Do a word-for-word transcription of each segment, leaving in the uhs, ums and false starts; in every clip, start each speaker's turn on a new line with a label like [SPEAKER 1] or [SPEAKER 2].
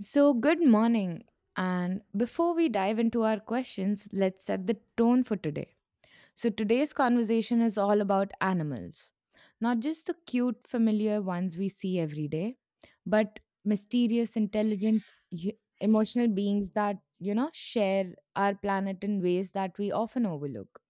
[SPEAKER 1] So, good morning. And before we dive into our questions, let's set the tone for today. So, today's conversation is all about animals, not just the cute, familiar ones we see every day, but mysterious, intelligent, y- emotional beings that, you know, share our planet in ways that we often overlook,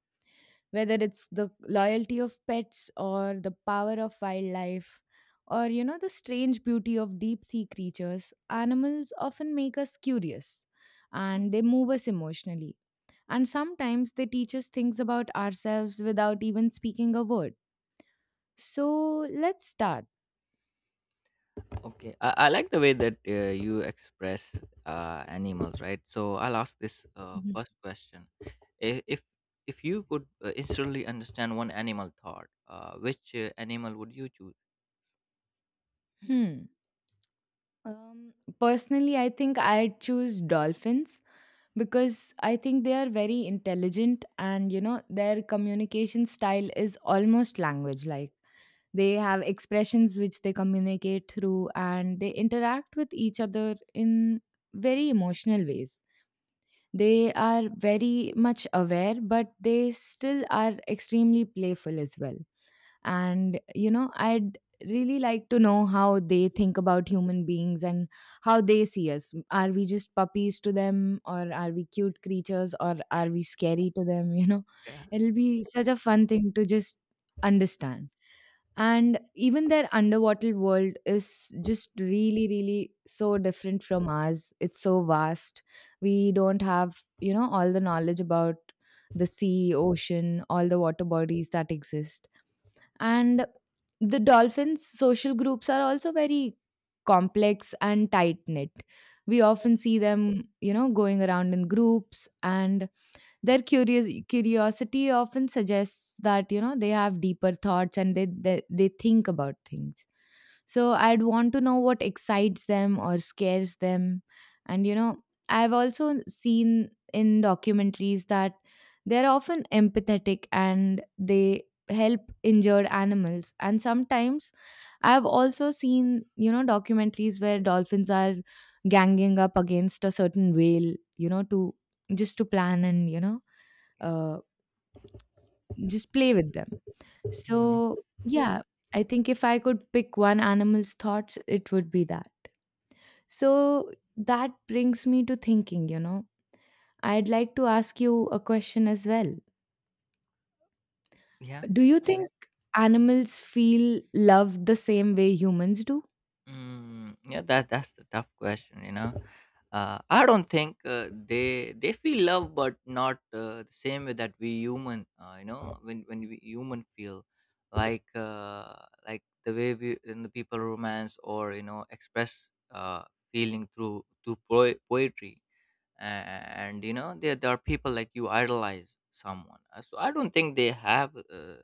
[SPEAKER 1] whether it's the loyalty of pets or the power of wildlife, or you know the strange beauty of deep sea creatures. Animals often make us curious, and they move us emotionally, and sometimes they teach us things about ourselves without even speaking a word. So let's start.
[SPEAKER 2] Okay, I I like the way that uh, you express uh, animals, right? So I'll ask this uh,
[SPEAKER 1] Mhm.
[SPEAKER 2] first question: I- If if you could uh, instantly understand one animal thought, uh, which uh, animal would you choose?
[SPEAKER 1] hmm um Personally, i think i choose dolphins, because I think they are very intelligent, and you know their communication style is almost language like. They have expressions which they communicate through, and they interact with each other in very emotional ways. They are very much aware, but they still are extremely playful as well. And you know I'd really like to know how they think about human beings, and how they see us. Are we just puppies to them, or are we cute creatures, or are we scary to them? You know
[SPEAKER 2] Yeah.
[SPEAKER 1] it'll be such a fun thing to just understand. And even their underwater world is just really really so different from ours. It's so vast. We don't have, you know all the knowledge about the sea, ocean, all the water bodies that exist. And the dolphins' social groups are also very complex and tight knit. We often see them, you know, going around in groups, and their curious curiosity often suggests that you know they have deeper thoughts and they they, they think about things. So I'd want to know what excites them or scares them. And you know, I've also seen in documentaries that they're often empathetic and they help injured animals. And sometimes I've also seen, you know, documentaries where dolphins are ganging up against a certain whale, you know, to just to plan and, you know,
[SPEAKER 2] Yeah,
[SPEAKER 1] uh, just play with them.
[SPEAKER 2] mhm,
[SPEAKER 1] So, yeah, I think if I could pick one animal's thoughts, it would be that. So, that brings me to thinking, you know, I'd like to ask you a question as well.
[SPEAKER 2] yeah.
[SPEAKER 1] Do you think animals feel love the same way humans do?
[SPEAKER 2] Mm, yeah, that that's the tough question. You know, uh, I don't think uh, they they feel love, but not uh, the same way that we human. Uh, you know, when when we human feel like uh, like the way we in the people romance or you know express uh, feeling through through po- poetry. And you know, there there are people like you idolize someone. Uh, So I don't think they have. Uh,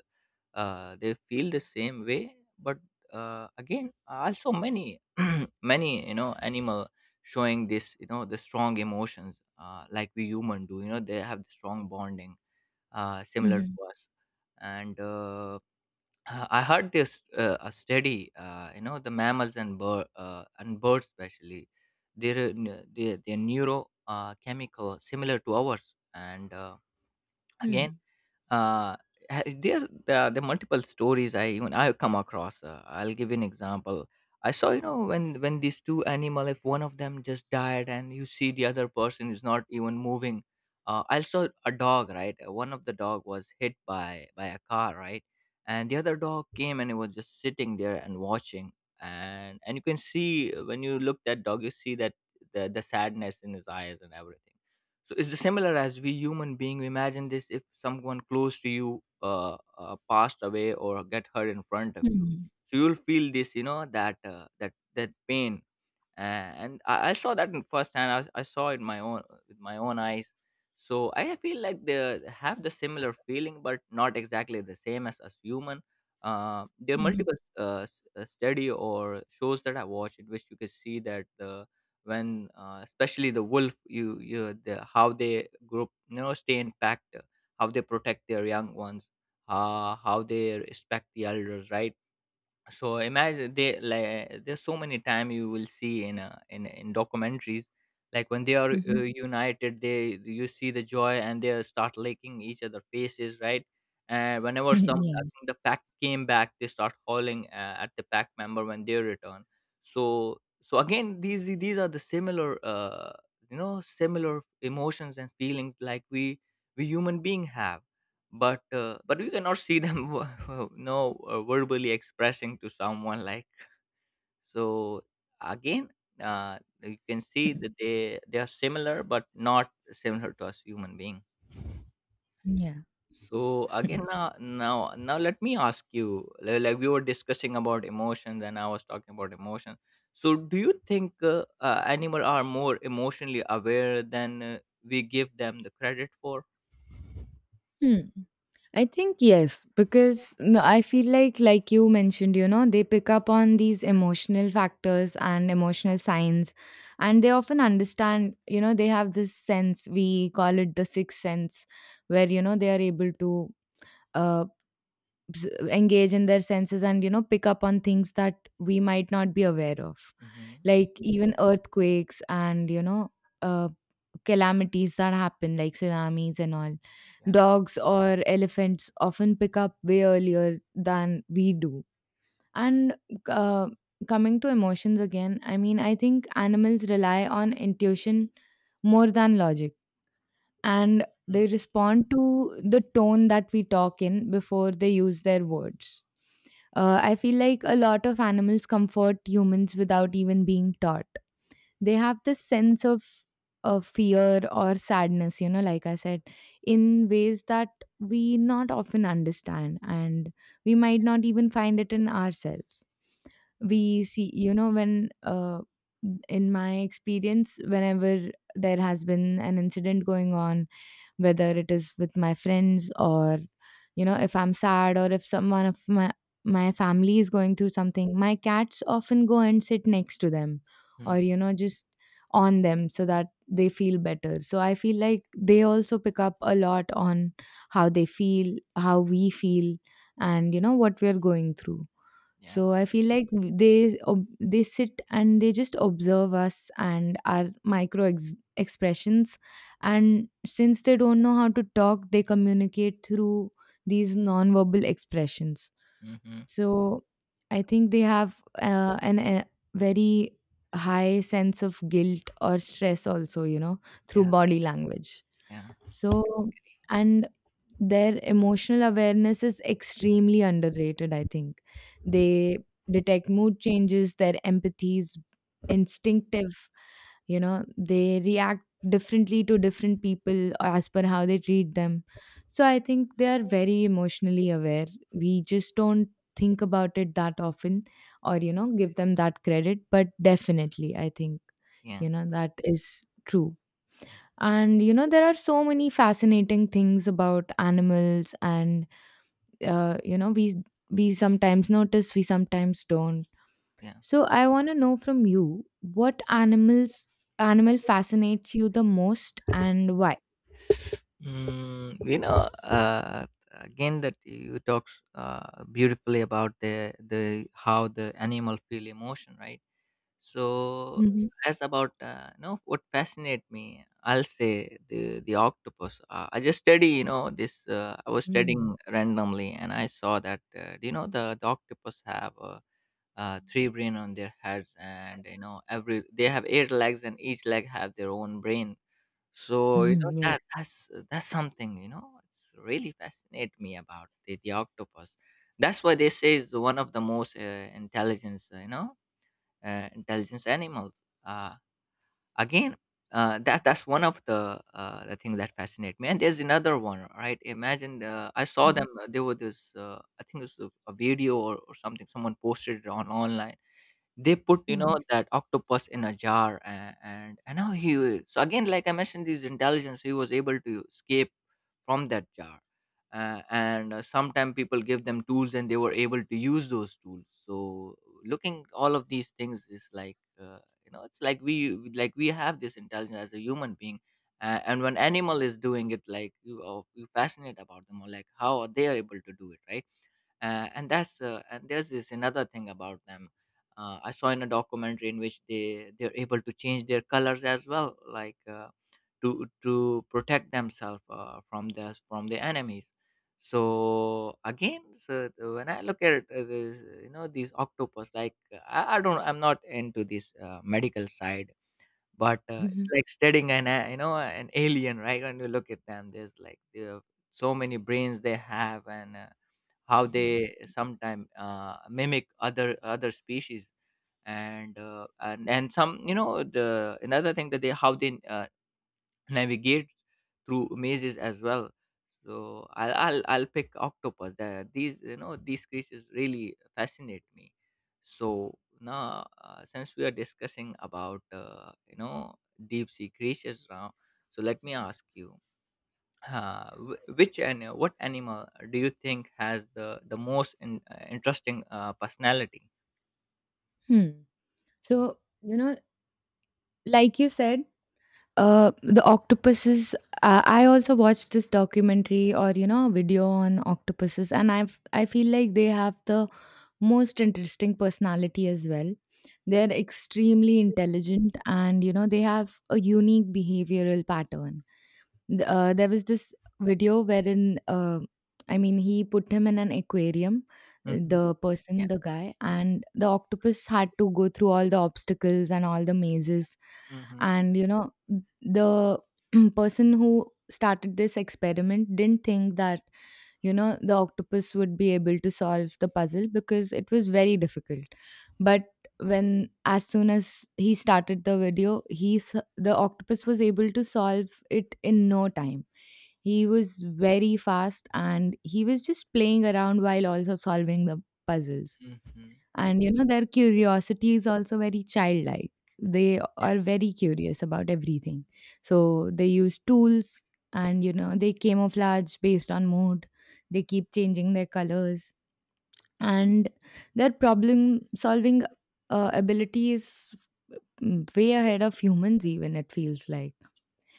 [SPEAKER 2] uh, they feel the same way, but uh, again also many many you know animal showing this you know the strong emotions, uh, like we human do, you know they have the strong bonding uh, similar
[SPEAKER 1] Mm-hmm.
[SPEAKER 2] to us. And uh, uh, I heard this, uh, a study, uh, you know the mammals and bird, uh, and birds especially their uh, n- their, their neuro uh, chemical similar to ours. And uh, again, uh, ha- there uh, the multiple stories, I even I come across. uh, I'll give you an example. I saw, you know, when when these two animal, if one of them just died and you see the other person is not even moving. uh, I saw a dog, right? Uh, one of the dog was hit by by a car, right? And the other dog came and it was just sitting there and watching. And and you can see, uh, when you look that dog you see that the, the sadness in his eyes and everything. So it's similar as we human being. We imagine this, if someone close to you uh, uh, passed away or get hurt in front of you,
[SPEAKER 1] Mm-hmm.
[SPEAKER 2] so you'll feel this, you know that, uh, that that pain uh, and I, I saw that in first hand. I, was- I saw it my own, with my own eyes. So I feel like they have the similar feeling, but not exactly the same as as human. Uh, there are
[SPEAKER 1] Mm-hmm.
[SPEAKER 2] multiple uh, s- uh, study or shows that I watched in which you can see that the when, uh, especially the wolf, you you the, how they group, you know, stay in packed, how they protect their young ones, uh, how they respect the elders, right? So imagine they like there's so many time you will see in uh, in in documentaries, like when they are uh, united, they you see the joy and they start licking each other faces, right? And whenever some, I
[SPEAKER 1] Yeah.
[SPEAKER 2] think the pack came back, they start howling uh, at the pack member when they return. So so again, these these are the similar, uh, you know, similar emotions and feelings like we we human being have, but uh, but we cannot see them no uh, verbally expressing to someone like. So again, uh, you can see that they they are similar but not similar to us human being.
[SPEAKER 1] Yeah.
[SPEAKER 2] So again, now now now let me ask you, li- like we were discussing about emotions, and I was talking about emotions. So do you think uh, uh, animals are more emotionally aware than uh, we give them the credit for?
[SPEAKER 1] Hmm. I think yes, because no, I feel like, like you mentioned, you know, they pick up on these emotional factors and emotional signs, and they often understand, you know, they have this sense, we call it the sixth sense, where, you know, they are able to uh, s- engage in their senses and, you know, pick up on things that we might not be aware of,
[SPEAKER 2] Mm-hmm,
[SPEAKER 1] like
[SPEAKER 2] hmm,
[SPEAKER 1] even earthquakes and, you know, uh, calamities that happen, like tsunamis and all.
[SPEAKER 2] yeah,
[SPEAKER 1] Dogs or elephants often pick up way earlier than we do. And uh, coming to emotions again, I mean, I think animals rely on intuition more than logic. And they respond to the tone that we talk in before they use their words. Uh, I feel like a lot of animals comfort humans without even being taught. They have this sense of of fear or sadness, you know like I said, in ways that we not often understand, and we might not even find it in ourselves. We see, you know, when uh, in my experience, whenever there has been an incident going on, whether it is with my friends, or you know, if I'm sad, or if someone of my my family is going through something, my cats often go and sit next to them, or
[SPEAKER 2] mm-hmm,
[SPEAKER 1] you know just on them, so that they feel better. So I feel like they also pick up a lot on how they feel, how we feel, and you know what we are going through.
[SPEAKER 2] yeah,
[SPEAKER 1] So I feel like they ob- they sit and they just observe us and our micro ex- expressions. And since they don't know how to talk, they communicate through these nonverbal expressions.
[SPEAKER 2] mm-hmm.
[SPEAKER 1] So I think they have uh, an a very high sense of guilt or stress also, you know, through
[SPEAKER 2] Yeah,
[SPEAKER 1] body language.
[SPEAKER 2] yeah,
[SPEAKER 1] So and Their emotional awareness is extremely underrated, I think. They detect mood changes, their empathy is instinctive, you know they react differently to different people as per how they treat them. So I think they are very emotionally aware, we just don't think about it that often, or you know give them that credit, but definitely I think
[SPEAKER 2] yeah,
[SPEAKER 1] you know that is true. And you know there are so many fascinating things about animals, and uh, you know, we we sometimes notice, we sometimes don't.
[SPEAKER 2] yeah.
[SPEAKER 1] So I want to know from you, what animals animal fascinates you the most and why.
[SPEAKER 2] Mm, you know, uh, again that you talks uh, beautifully about the the how the animal feel emotion, right? So
[SPEAKER 1] Mhm.
[SPEAKER 2] as about, uh, you know, what fascinate me, I'll say the the octopus. Uh, I just study, you know, this. Uh, I was
[SPEAKER 1] Mm.
[SPEAKER 2] studying randomly, and I saw that, uh, do you know the the octopus have? Uh, uh, three brain on their heads, and you know, every they have eight legs, and each leg have their own brain. So you know
[SPEAKER 1] Mhm.
[SPEAKER 2] that
[SPEAKER 1] Yes.
[SPEAKER 2] that's uh, that's something, you know, it's really fascinate me about the, the octopus. That's why they say is one of the most uh, intelligence, uh, you know uh, intelligence animals. Uh, again, uh, that that's one of the uh, the thing that fascinate me. And there's another one, right? Imagine, uh, I saw
[SPEAKER 1] Mhm.
[SPEAKER 2] them. uh, There was this, uh, I think it was a, a video, or or something someone posted it on online. They put, you know,
[SPEAKER 1] Mhm.
[SPEAKER 2] that octopus in a jar, and and, and now he was, so again, like I mentioned, this intelligence, he was able to escape from that jar. Uh, and uh, sometimes people give them tools, and they were able to use those tools. So looking all of these things is like, uh, you know, it's like we like we have this intelligence as a human being. Uh, and when animal is doing it, like you, uh, you fascinate about them or like how are they able to do it, right? Uh, and that's uh, and there's this another thing about them. uh, I saw in a documentary in which they they're able to change their colors as well, like, uh, to to protect themselves uh, from the from the enemies. So again, so when I look at, uh, the, you know, these octopus, like I, I don't, I'm not into this uh, medical side, but, uh, it's
[SPEAKER 1] Mhm.
[SPEAKER 2] like studying an a, you know, an alien, right? When you look at them, there's like the so many brains they have, and, uh, how
[SPEAKER 1] Mhm.
[SPEAKER 2] they sometimes uh, mimic other other species and, uh, and and some, you know, the another thing that they how they, uh navigate through mazes as well. So I'll, I'll, I'll pick octopus. The, these, you know, these creatures really fascinate me. So now, uh, since we are discussing about, uh, you know, deep sea creatures now, so let me ask you. Uh, wh- which and what animal do you think has the the most in, uh, interesting uh, personality?
[SPEAKER 1] Hmm. So, you know, like you said, uh, the octopuses. Uh, I also watched this documentary or, you know, video on octopuses, and I I feel like they have the most interesting personality as well. They're extremely intelligent, and you know they have a unique behavioral pattern. Th- uh, there was this video wherein, uh, I mean, he put him in an aquarium. Uh,
[SPEAKER 2] Mm-hmm.
[SPEAKER 1] the person,
[SPEAKER 2] Yeah.
[SPEAKER 1] the guy, and the octopus had to go through all the obstacles and all the mazes.
[SPEAKER 2] Mm-hmm.
[SPEAKER 1] And you know, the person who started this experiment didn't think that, you know, the octopus would be able to solve the puzzle, because it was very difficult. But when as soon as he started the video, he s- the octopus was able to solve it in no time. He was very fast, and he was just playing around while also solving the puzzles.
[SPEAKER 2] Mm-hmm.
[SPEAKER 1] And you know, their curiosity is also very childlike. They
[SPEAKER 2] Yeah.
[SPEAKER 1] are very curious about everything. So they use tools, and you know, they camouflage based on mood. They keep changing their colors. And their problem solving uh, ability is, mm, way ahead of humans even, it feels like.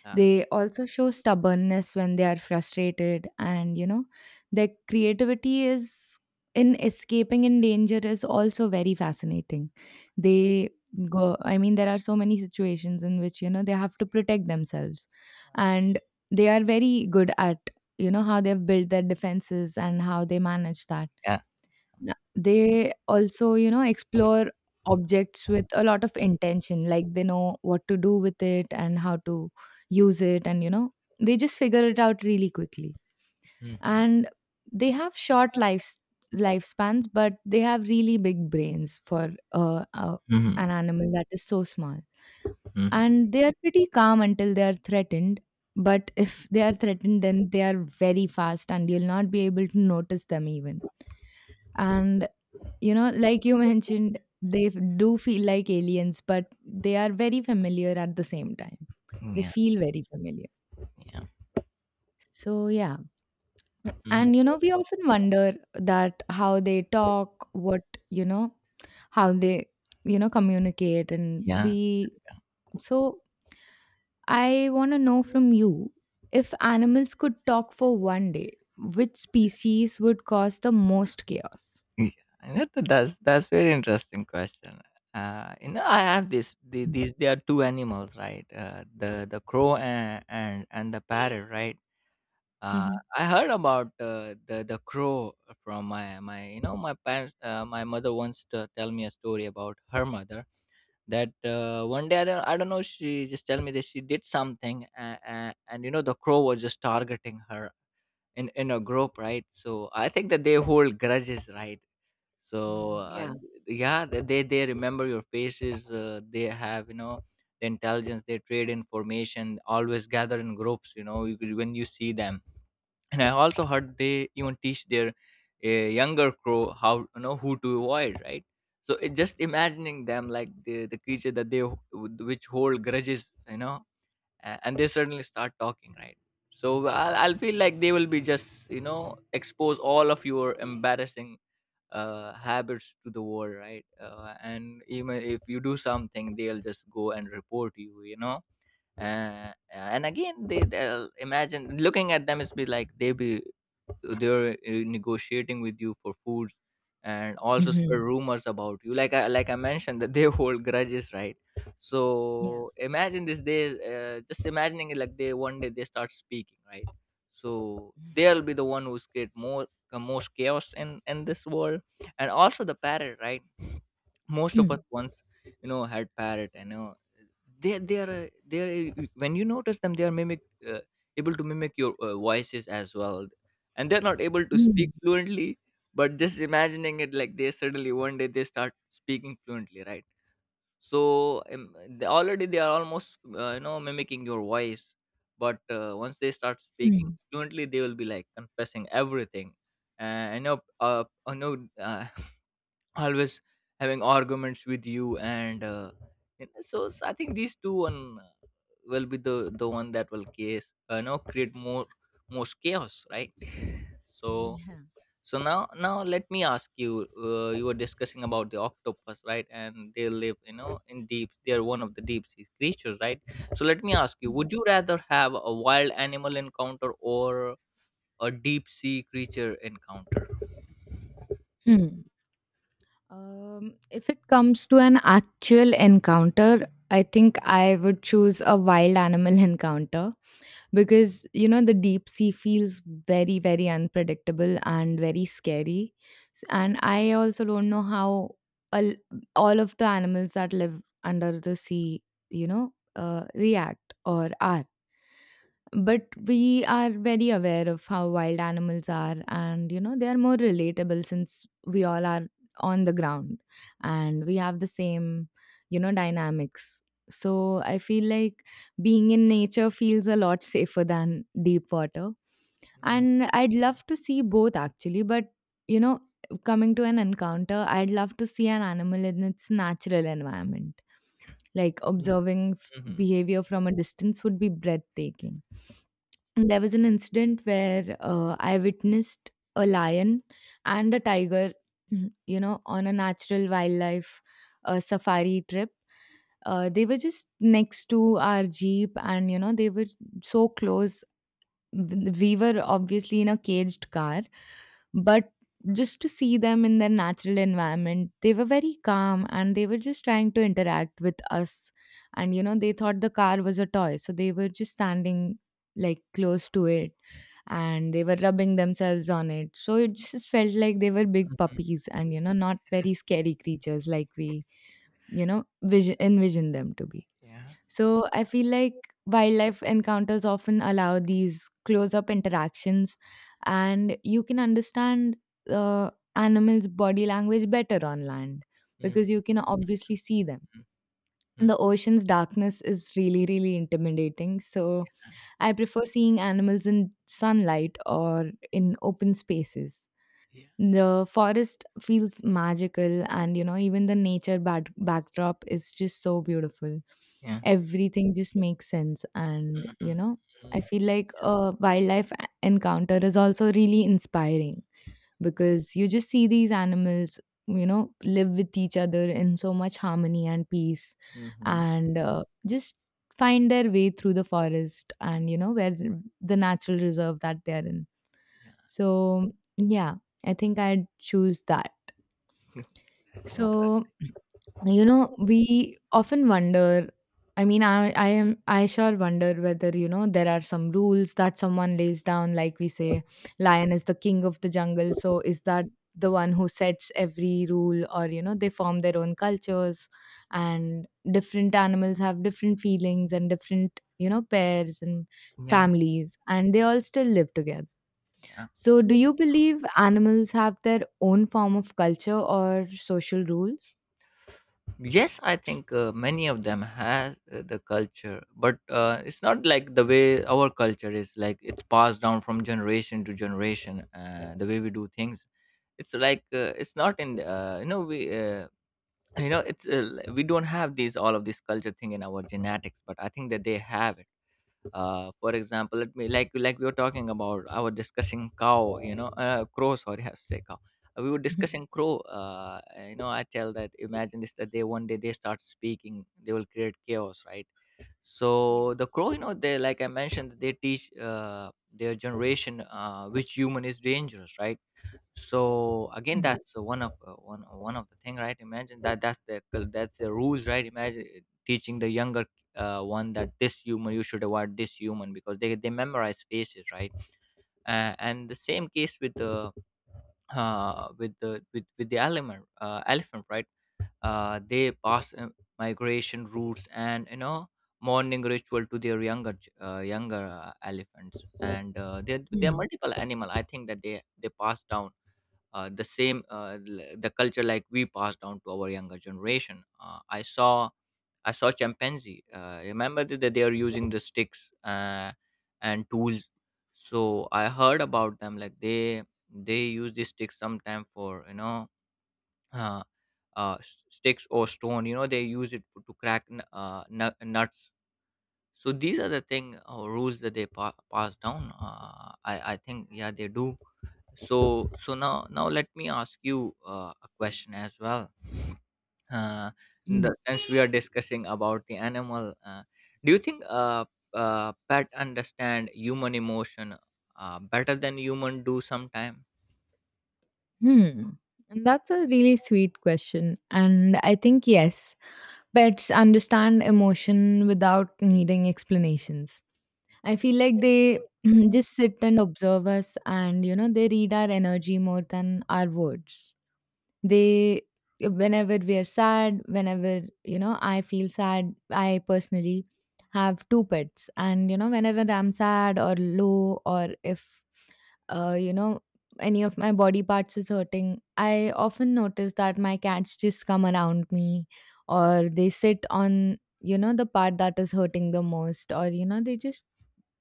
[SPEAKER 2] Yeah.
[SPEAKER 1] They also show stubbornness when they are frustrated, and you know, their creativity is in escaping in danger is also very fascinating. They go, I mean, there are so many situations in which you know they have to protect themselves, and they are very good at, you know, how they've built their defenses and how they manage that.
[SPEAKER 2] Yeah.
[SPEAKER 1] N- They also, you know, explore objects with a lot of intention. Like they know what to do with it and how to use it. And, you know, they just figure it out really quickly.
[SPEAKER 2] Mm-hmm.
[SPEAKER 1] And they have short lives lifespans, but they have really big brains for uh, uh,
[SPEAKER 2] Mm-hmm.
[SPEAKER 1] an animal that is so small.
[SPEAKER 2] Mm-hmm.
[SPEAKER 1] And they are pretty calm until they are threatened, but if they are threatened, then they are very fast and you'll not be able to notice them even. And you know, like you mentioned, they do feel like aliens, but they are very familiar at the same time. They
[SPEAKER 2] Yeah.
[SPEAKER 1] feel very familiar.
[SPEAKER 2] Yeah.
[SPEAKER 1] So, yeah.
[SPEAKER 2] Mhm.
[SPEAKER 1] And, you know, we often wonder that how they talk, what, you know, how they, you know, communicate. And
[SPEAKER 2] Yeah,
[SPEAKER 1] we, so I want to know from you, if animals could talk for one day, which species would cause the most chaos?
[SPEAKER 2] yeah. That, that's that's very interesting question. Uh, you know, I have this. The, these, there are two animals, right? Uh, the the crow and and, and the parrot, right? Uh,
[SPEAKER 1] Mm-hmm.
[SPEAKER 2] I heard about uh, the the crow from my my you know my parents. Uh, my mother wants to tell me a story about her mother. That uh, one day, I don't, I don't know, she just tell me that she did something, and, and, and you know the crow was just targeting her in in a group, right? So I think that they hold grudges, right? So uh,
[SPEAKER 1] Yeah.
[SPEAKER 2] yeah, they they they remember your faces. Uh, they have, you know, the intelligence. They trade information, always gather in groups, you know. You, could- when you see them, and I also heard they even teach their uh, younger crow how, you know, who to avoid, right? So it, just imagining them like the, the creature that they ho- which hold grudges, you know, a- and they suddenly start talking, right? So I'll, I'll feel like they will be just, you know, expose all of your embarrassing uh, habits to the world, right? Uh, and even if you do something, they'll just go and report you, you know. Uh, and again, they, they'll imagine looking at them is be like they be, they're uh, negotiating with you for foods, and also spread
[SPEAKER 1] Mm-hmm.
[SPEAKER 2] rumors about you, like, i like I mentioned that they hold grudges, right?
[SPEAKER 1] Yeah.
[SPEAKER 2] So imagine this day, uh, just imagining it like they one day they start speaking, right? So they'll be the one who's create more uh, most chaos in in this world. And also the parrot, right? Most of us
[SPEAKER 1] Mm.
[SPEAKER 2] once, you know, had parrot, and you know, they they are uh, they are uh, when you notice them, they are mimic, uh, able to mimic your uh, voices as well, and they're not able to speak fluently. But just imagining it, like they suddenly one day they start speaking fluently, right? So um, they, already they are almost, uh, you know, mimicking your voice, but uh, once they start speaking
[SPEAKER 1] Mm.
[SPEAKER 2] fluently, they will be like confessing everything. And you know, uh, I know, uh, always having arguments with you, and uh, you know, so, so I think these two on will be the the one that will case, uh, you know, create more, most chaos, right? So
[SPEAKER 1] Yeah.
[SPEAKER 2] so now, now let me ask you, uh, you were discussing about the octopus, right? And they live, you know, in deep, they are one of the deep sea creatures, right? So let me ask you, would you rather have a wild animal encounter or a deep sea creature encounter?
[SPEAKER 1] Mm. Um, if it comes to an actual encounter, I think I would choose a wild animal encounter, because, you know, the deep sea feels very, very unpredictable and very scary. S- And I also don't know how all, all of the animals that live under the sea, you know, uh, react or are. But we are very aware of how wild animals are, and you know they are more relatable, since we all are on the ground, and we have the same, you know, dynamics. So I feel like being in nature feels a lot safer than deep water.
[SPEAKER 2] Mhm,
[SPEAKER 1] And I'd love to see both actually, but you know, coming to an encounter, I'd love to see an animal in its natural environment, like
[SPEAKER 2] mhm,
[SPEAKER 1] observing
[SPEAKER 2] mhm,
[SPEAKER 1] behavior from a distance would be breathtaking. There was an incident where uh, I witnessed a lion and a tiger, you know, on a natural wildlife uh, safari trip. Uh, they were just next to our jeep, and you know, they were so close. W- we were obviously in a caged car, but just to see them in their natural environment, they were very calm and they were just trying to interact with us. And you know, they thought the car was a toy, so they were just standing like close to it, and they were rubbing themselves on it. So it just felt like they were big
[SPEAKER 2] mhm.
[SPEAKER 1] puppies and, you know, not very scary creatures like we, you know, vision envision them to be.
[SPEAKER 2] Yeah.
[SPEAKER 1] So I feel like wildlife encounters often allow these close up interactions, and you can understand uh, animals' body language better on land
[SPEAKER 2] Mhm,
[SPEAKER 1] because you can obviously see them.
[SPEAKER 2] mhm,
[SPEAKER 1] The ocean's darkness is really, really intimidating. So I prefer seeing animals in sunlight or in open spaces.
[SPEAKER 2] yeah,
[SPEAKER 1] The forest feels magical, and you know, even the nature bad- backdrop is just so beautiful.
[SPEAKER 2] yeah.
[SPEAKER 1] Everything just makes sense, and
[SPEAKER 2] Mhm,
[SPEAKER 1] you
[SPEAKER 2] mhm,
[SPEAKER 1] know, I feel like a wildlife a- encounter is also really inspiring because you just see these animals, you know, live with each other in so much harmony and peace,
[SPEAKER 2] mhm.
[SPEAKER 1] and uh, just find their way through the forest and, you know, where the natural reserve that they are in.
[SPEAKER 2] Yeah.
[SPEAKER 1] So, yeah, I think I'd choose that.
[SPEAKER 2] That's interesting.
[SPEAKER 1] So, you know, we often wonder. I mean, I, I am, I sure wonder whether, you know, there are some rules that someone lays down. Like we say, lion is the king of the jungle. So, is that the one who sets every rule, or, you know, they form their own cultures, and different animals have different feelings and different, you know, pairs and
[SPEAKER 2] Yeah,
[SPEAKER 1] families, and they all still live together?
[SPEAKER 2] yeah.
[SPEAKER 1] So, do you believe animals have their own form of culture or social rules?
[SPEAKER 2] Yes, I think uh, many of them has uh, the culture, but uh, it's not like the way our culture is. Like it's passed down from generation to generation. Uh, the way we do things, it's like uh, it's not in the- uh, you know we uh, you know it's uh, we don't have these all of this culture thing in our genetics, but I think that they have it. Uh, for example, let me like like we were talking about, I was discussing cow, you know, uh, crow, sorry. I have to say cow. Uh, we were
[SPEAKER 1] Mhm.
[SPEAKER 2] discussing crow. uh, you know, I tell that, imagine this, that they one day they start speaking, they will create chaos, right? So
[SPEAKER 1] Yeah.
[SPEAKER 2] the crow, you know, they, like I mentioned, they teach uh, their generation uh, which human is dangerous, right? So again,
[SPEAKER 1] Mm,
[SPEAKER 2] that's uh, one of uh, one one of the thing, right? Imagine that, that's the, that's the rules, right? Imagine uh, teaching the younger uh, one that this human you should avoid, this human, because they, they memorize faces, right? Uh, and the same case with the uh, with the with, with the element uh, elephant, right? Uh, they pass uh, migration routes and, you know, morning ritual to their younger ch- uh, younger uh, elephants. And uh, there there are
[SPEAKER 1] mm,
[SPEAKER 2] multiple animal, I think that they they pass down uh, the same uh, l- the culture like we pass down to our younger generation. Uh, I saw, I saw chimpanzee. Uh, remember that that they are using the sticks uh, and tools. So I heard about them, like they they use these sticks sometime for, you know, uh, uh, s- sticks or stone. You know, they use it for, to crack n- uh, nu- nuts. So these are the thing or rules that they pa- pass down. Uh, I I think, yeah, they do. So so now now let me ask you uh, a question as well. uh, in
[SPEAKER 1] mm,
[SPEAKER 2] the, since we are discussing about the animal uh, do you think uh, uh, pet understand human emotion uh, better than human do sometime?
[SPEAKER 1] mm. And that's a really sweet question. And I think, yes, pets understand emotion without needing explanations. I feel like they just sit and observe us and, you know, they read our energy more than our words. They, whenever we are sad, whenever, you know, I feel sad, I personally have two pets. And, you know, whenever I'm sad or low, or if uh, you know, any of my body parts is hurting, I often notice that my cats just come around me, or they sit on, you know, the part that is hurting the most, or, you know, they just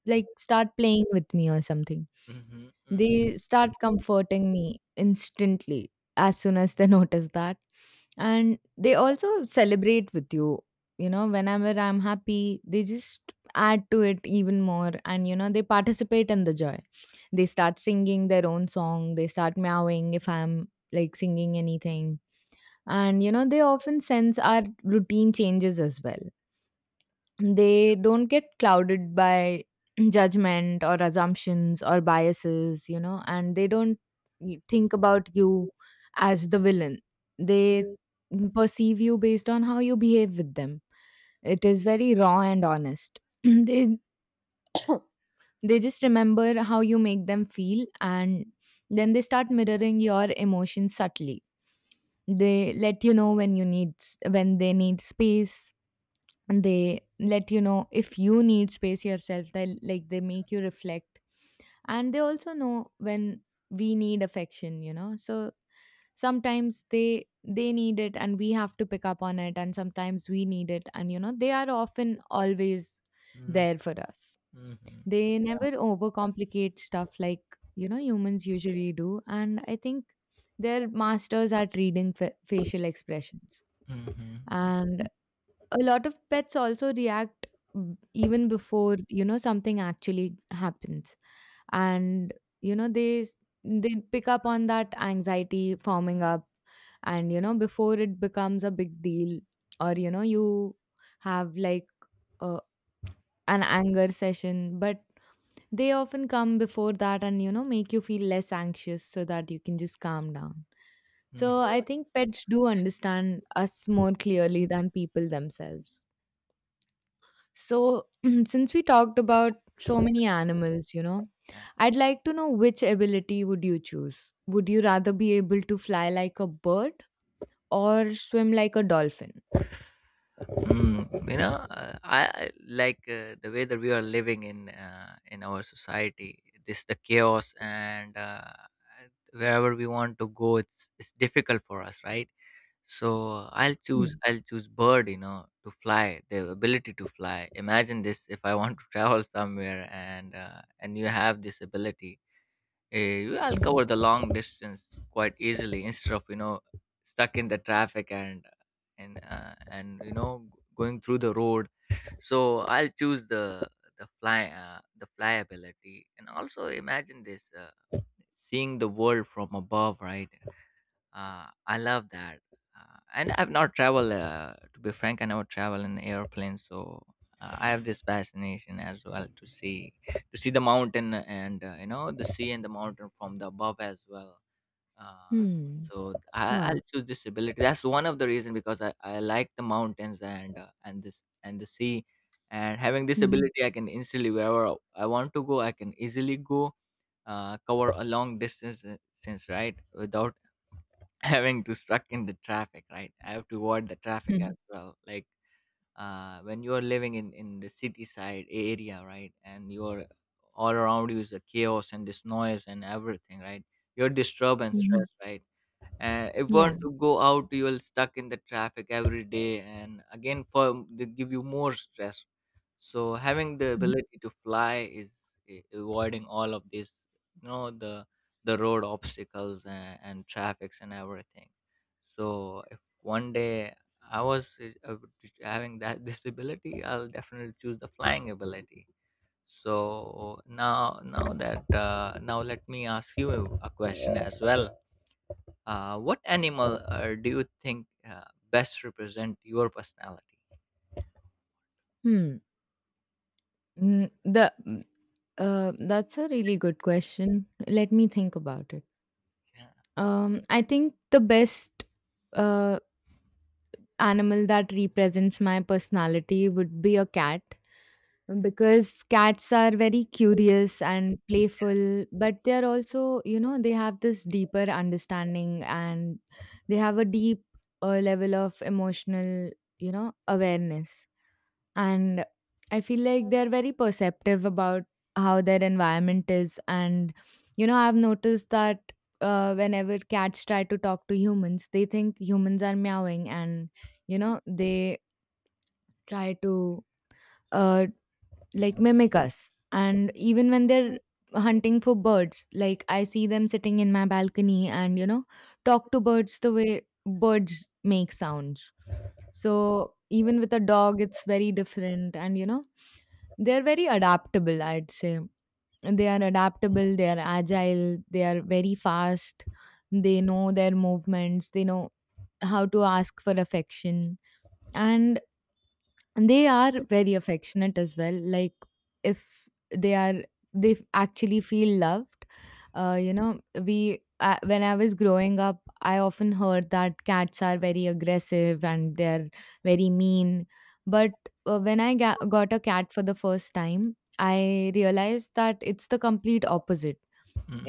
[SPEAKER 1] like start playing with me or something.
[SPEAKER 2] Mm-hmm, mm-hmm,
[SPEAKER 1] They start comforting me instantly as soon as they notice that. And they also celebrate with you. You know, whenever I'm happy, they just add to it even more. And, you know, they participate in the joy. They start singing their own song. They start meowing if I'm like singing anything. And, you know, they often sense our routine changes as well. They don't get clouded by judgment or assumptions or biases, you know, and they don't y- think about you as the villain. They perceive you based on how you behave with them. It is very raw and honest. they they just remember how you make them feel, and then they start mirroring your emotions subtly. They let you know when you need s- when they need space. They let you know if you need space yourself. They, like, they make you reflect. And they also know when we need affection, you know. So sometimes they they need it and we have to pick up on it, and sometimes we need it and, you know, they are often always there for us.
[SPEAKER 2] mm-hmm,
[SPEAKER 1] They never overcomplicate stuff like, you know, humans usually do. And I think they're masters at reading fa- facial expressions.
[SPEAKER 2] mm-hmm,
[SPEAKER 1] And a lot of pets also react, b- even before, you know, something actually happens. And, you know, they s- they pick up on that anxiety forming up, and, you know, before it becomes a big deal, or, you know, you have like uh, an anger session, but they often come before that and, you know, make you feel less anxious so that you can just calm down. So
[SPEAKER 2] mm-hmm.
[SPEAKER 1] I think pets do understand us more clearly than people themselves. So since we talked about so many animals, you know,
[SPEAKER 2] Yeah.
[SPEAKER 1] I'd like to know, which ability would you choose? Would you rather be able to fly like a bird or swim like a dolphin?
[SPEAKER 2] Mm, you know, uh, I I like uh, the way that we are living in, uh, in our society. This the chaos, and, uh, wherever we want to go, it's it's difficult for us, right? So I'll choose
[SPEAKER 1] Hmm.
[SPEAKER 2] I'll choose bird. You know, to fly, the ability to fly. Imagine this: if I want to travel somewhere, and, uh, and you have this ability, eh, I'll
[SPEAKER 1] Hmm.
[SPEAKER 2] cover the long distance quite easily instead of, you know, stuck in the traffic and, and uh, and, you know, going through the road. So I'll choose the the fly uh, the flyability. And also imagine this uh, seeing the world from above, right? Uh, I love that. Uh, and I've not traveled, uh, to be frank, I never travel in airplane, so uh, I have this fascination as well to see, to see the mountain and, uh, you know, the sea and the mountain from the above as well. Uh,
[SPEAKER 1] Wow. Hmm.
[SPEAKER 2] so I, I'll
[SPEAKER 1] Wow.
[SPEAKER 2] choose this ability. That's one of the reason, because I, I like the mountains and, uh, and this and the sea, and having this
[SPEAKER 1] Hmm.
[SPEAKER 2] ability, I can instantly, wherever I want to go, I can easily go, uh, cover a long distance uh, since, right, without having to stuck in the traffic. Right, I have to avoid the traffic as
[SPEAKER 1] Hmm.
[SPEAKER 2] well. Like, uh, when you are living in in the city side area, right, and you're, all around you is a chaos and this noise and everything, right, you're disturbed and
[SPEAKER 1] Hmm.
[SPEAKER 2] stressed, right? And if you
[SPEAKER 1] Yeah.
[SPEAKER 2] want to go out, you're stuck in the traffic every day, and again, for they give you more stress. So having the
[SPEAKER 1] Hmm.
[SPEAKER 2] ability to fly is a- avoiding all of this, you know, the the road obstacles and, and traffics and everything. So if one day I was uh, uh, having that disability, I'll definitely choose the flying ability. So now now that uh, now let me ask you a question as well. Uh, what animal uh, do you think uh, best represent your personality?
[SPEAKER 1] Hmm. Mm. The Uh, that's a really good question. Let me think about it.
[SPEAKER 2] Yeah,
[SPEAKER 1] Um, I think the best uh, animal that represents my personality would be a cat, because cats are very curious and playful, but they're also, you know, they have this deeper understanding, and they have a deep uh, level of emotional, you know, awareness. And I feel like they're very perceptive about how their environment is. And, you know, I've noticed that uh, whenever cats try to talk to humans, they think humans are meowing, and, you know, they try to uh, like
[SPEAKER 2] yeah.
[SPEAKER 1] mimic us. And even when they're hunting for birds, like I see them sitting in my balcony and, you know, talk to birds the way birds make sounds. So even with a dog, it's very different. And, you know, they're very adaptable, I'd say. They are adaptable, they are agile, they are very fast, they know their movements, they know how to ask for affection. And and they are very affectionate as well, like if they are, they f- actually feel loved. Uh, you know we uh, when I was growing up, I often heard that cats are very aggressive and they're very mean, but uh, when I ga- got a cat for the first time, I realized that it's the complete opposite.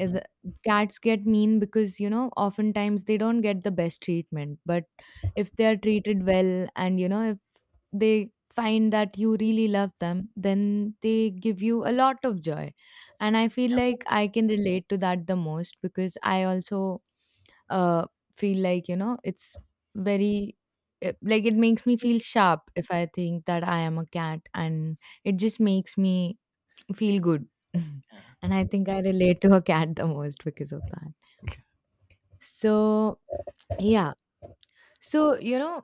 [SPEAKER 1] Uh, the- Cats get mean because, you know, oftentimes they don't get the best treatment, but if they are treated well, and, you know, if they find that you really love them, then they give you a lot of joy. And I feel like I can relate to that the most because I also uh, feel like, you know, it's very, uh, like, it makes me feel sharp if I think that I am a cat, and it just makes me feel good.
[SPEAKER 2] yeah.
[SPEAKER 1] and I think I relate to a cat the most because of that. So, yeah. So, you know,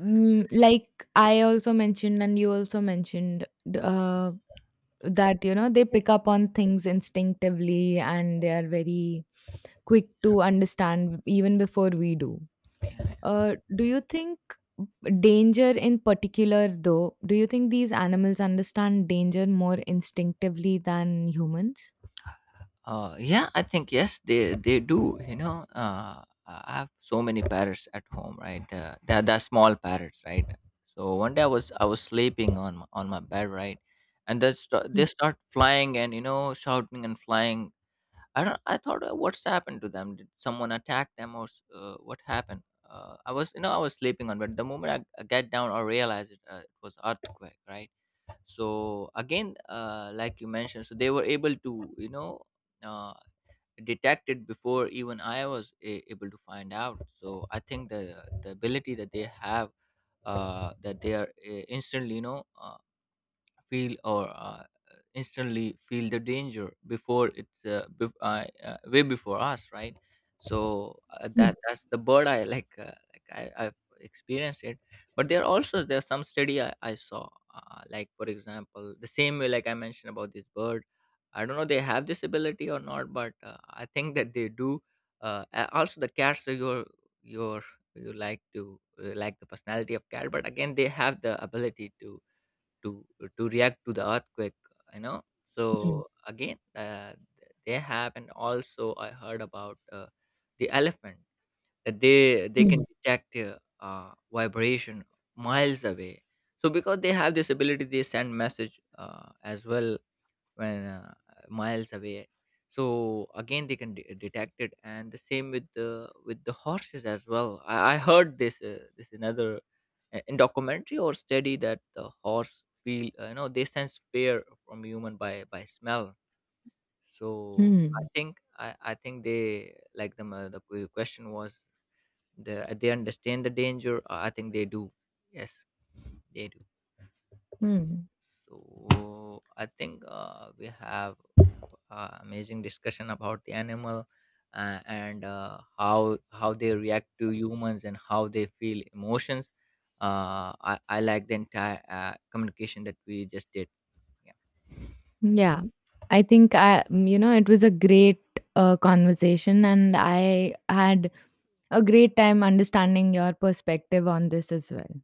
[SPEAKER 1] mm, like I also mentioned, and you also mentioned, d- uh, that, you know, they pick up on things instinctively, and they are very quick to understand even before we do. Uh, do you think danger in particular, though? Do you think these animals understand danger more instinctively than humans?
[SPEAKER 2] Uh, yeah, I think yes, they they do. You know, uh, I have so many parrots at home, right? Uh, they're, they're small parrots, right? So one day I was I was sleeping on my, on my bed, right, and they start
[SPEAKER 1] Hmm.
[SPEAKER 2] they start flying and, you know, shouting and flying. I don't. I thought, uh, what's happened to them? Did someone attack them, or s- uh, what happened? Uh, I was, you know, I was sleeping on, but the moment I, I get down, I realize it, uh, it was earthquake, right? So again, uh, like you mentioned, so they were able to, you know, uh, detect it before even i was a- able to find out. So I think the the ability that they have, uh, that they are, uh, instantly, you know, uh, feel or uh, instantly feel the danger before it's uh, bef uh, uh, way before us, right? so uh,
[SPEAKER 1] Hmm.
[SPEAKER 2] that that's the bird I like, uh, like I, I've experienced it. But there are also, there are some study i, I saw, uh, like for example the same way like I mentioned about this bird. I don't know they have this ability or not, but uh, I think that they do. Uh, a- also, the cats are your your you like to, uh, like the personality of cat, but again, they have the ability to to to react to the earthquake, you know.
[SPEAKER 1] Hmm.
[SPEAKER 2] So again, uh, they have. And also I heard about uh, the elephant, that they they
[SPEAKER 1] Hmm.
[SPEAKER 2] can detect uh, uh, vibration miles away. So because they have this ability, they send message uh, as well, when, uh, miles away. So again, they can de- detect it. And the same with the, with the horses as well. i, I heard this, uh, this another uh, in documentary or study, that the horse feel, uh, you know, they sense fear from human by by smell. So i
[SPEAKER 1] Hmm.
[SPEAKER 2] think i, I think they, like the, uh, the que- question was, the, they understand the danger, i I think they do. Yes, they do.
[SPEAKER 1] Hmm.
[SPEAKER 2] So I think, uh, we have uh, amazing discussion about the animal, uh, and, uh, how how they react to humans and how they feel emotions. Uh, I I like the entire uh, communication that we just did.
[SPEAKER 1] Yeah, I think I, mm, you know, it was a great uh, conversation, and I had a great time understanding your perspective on this as well.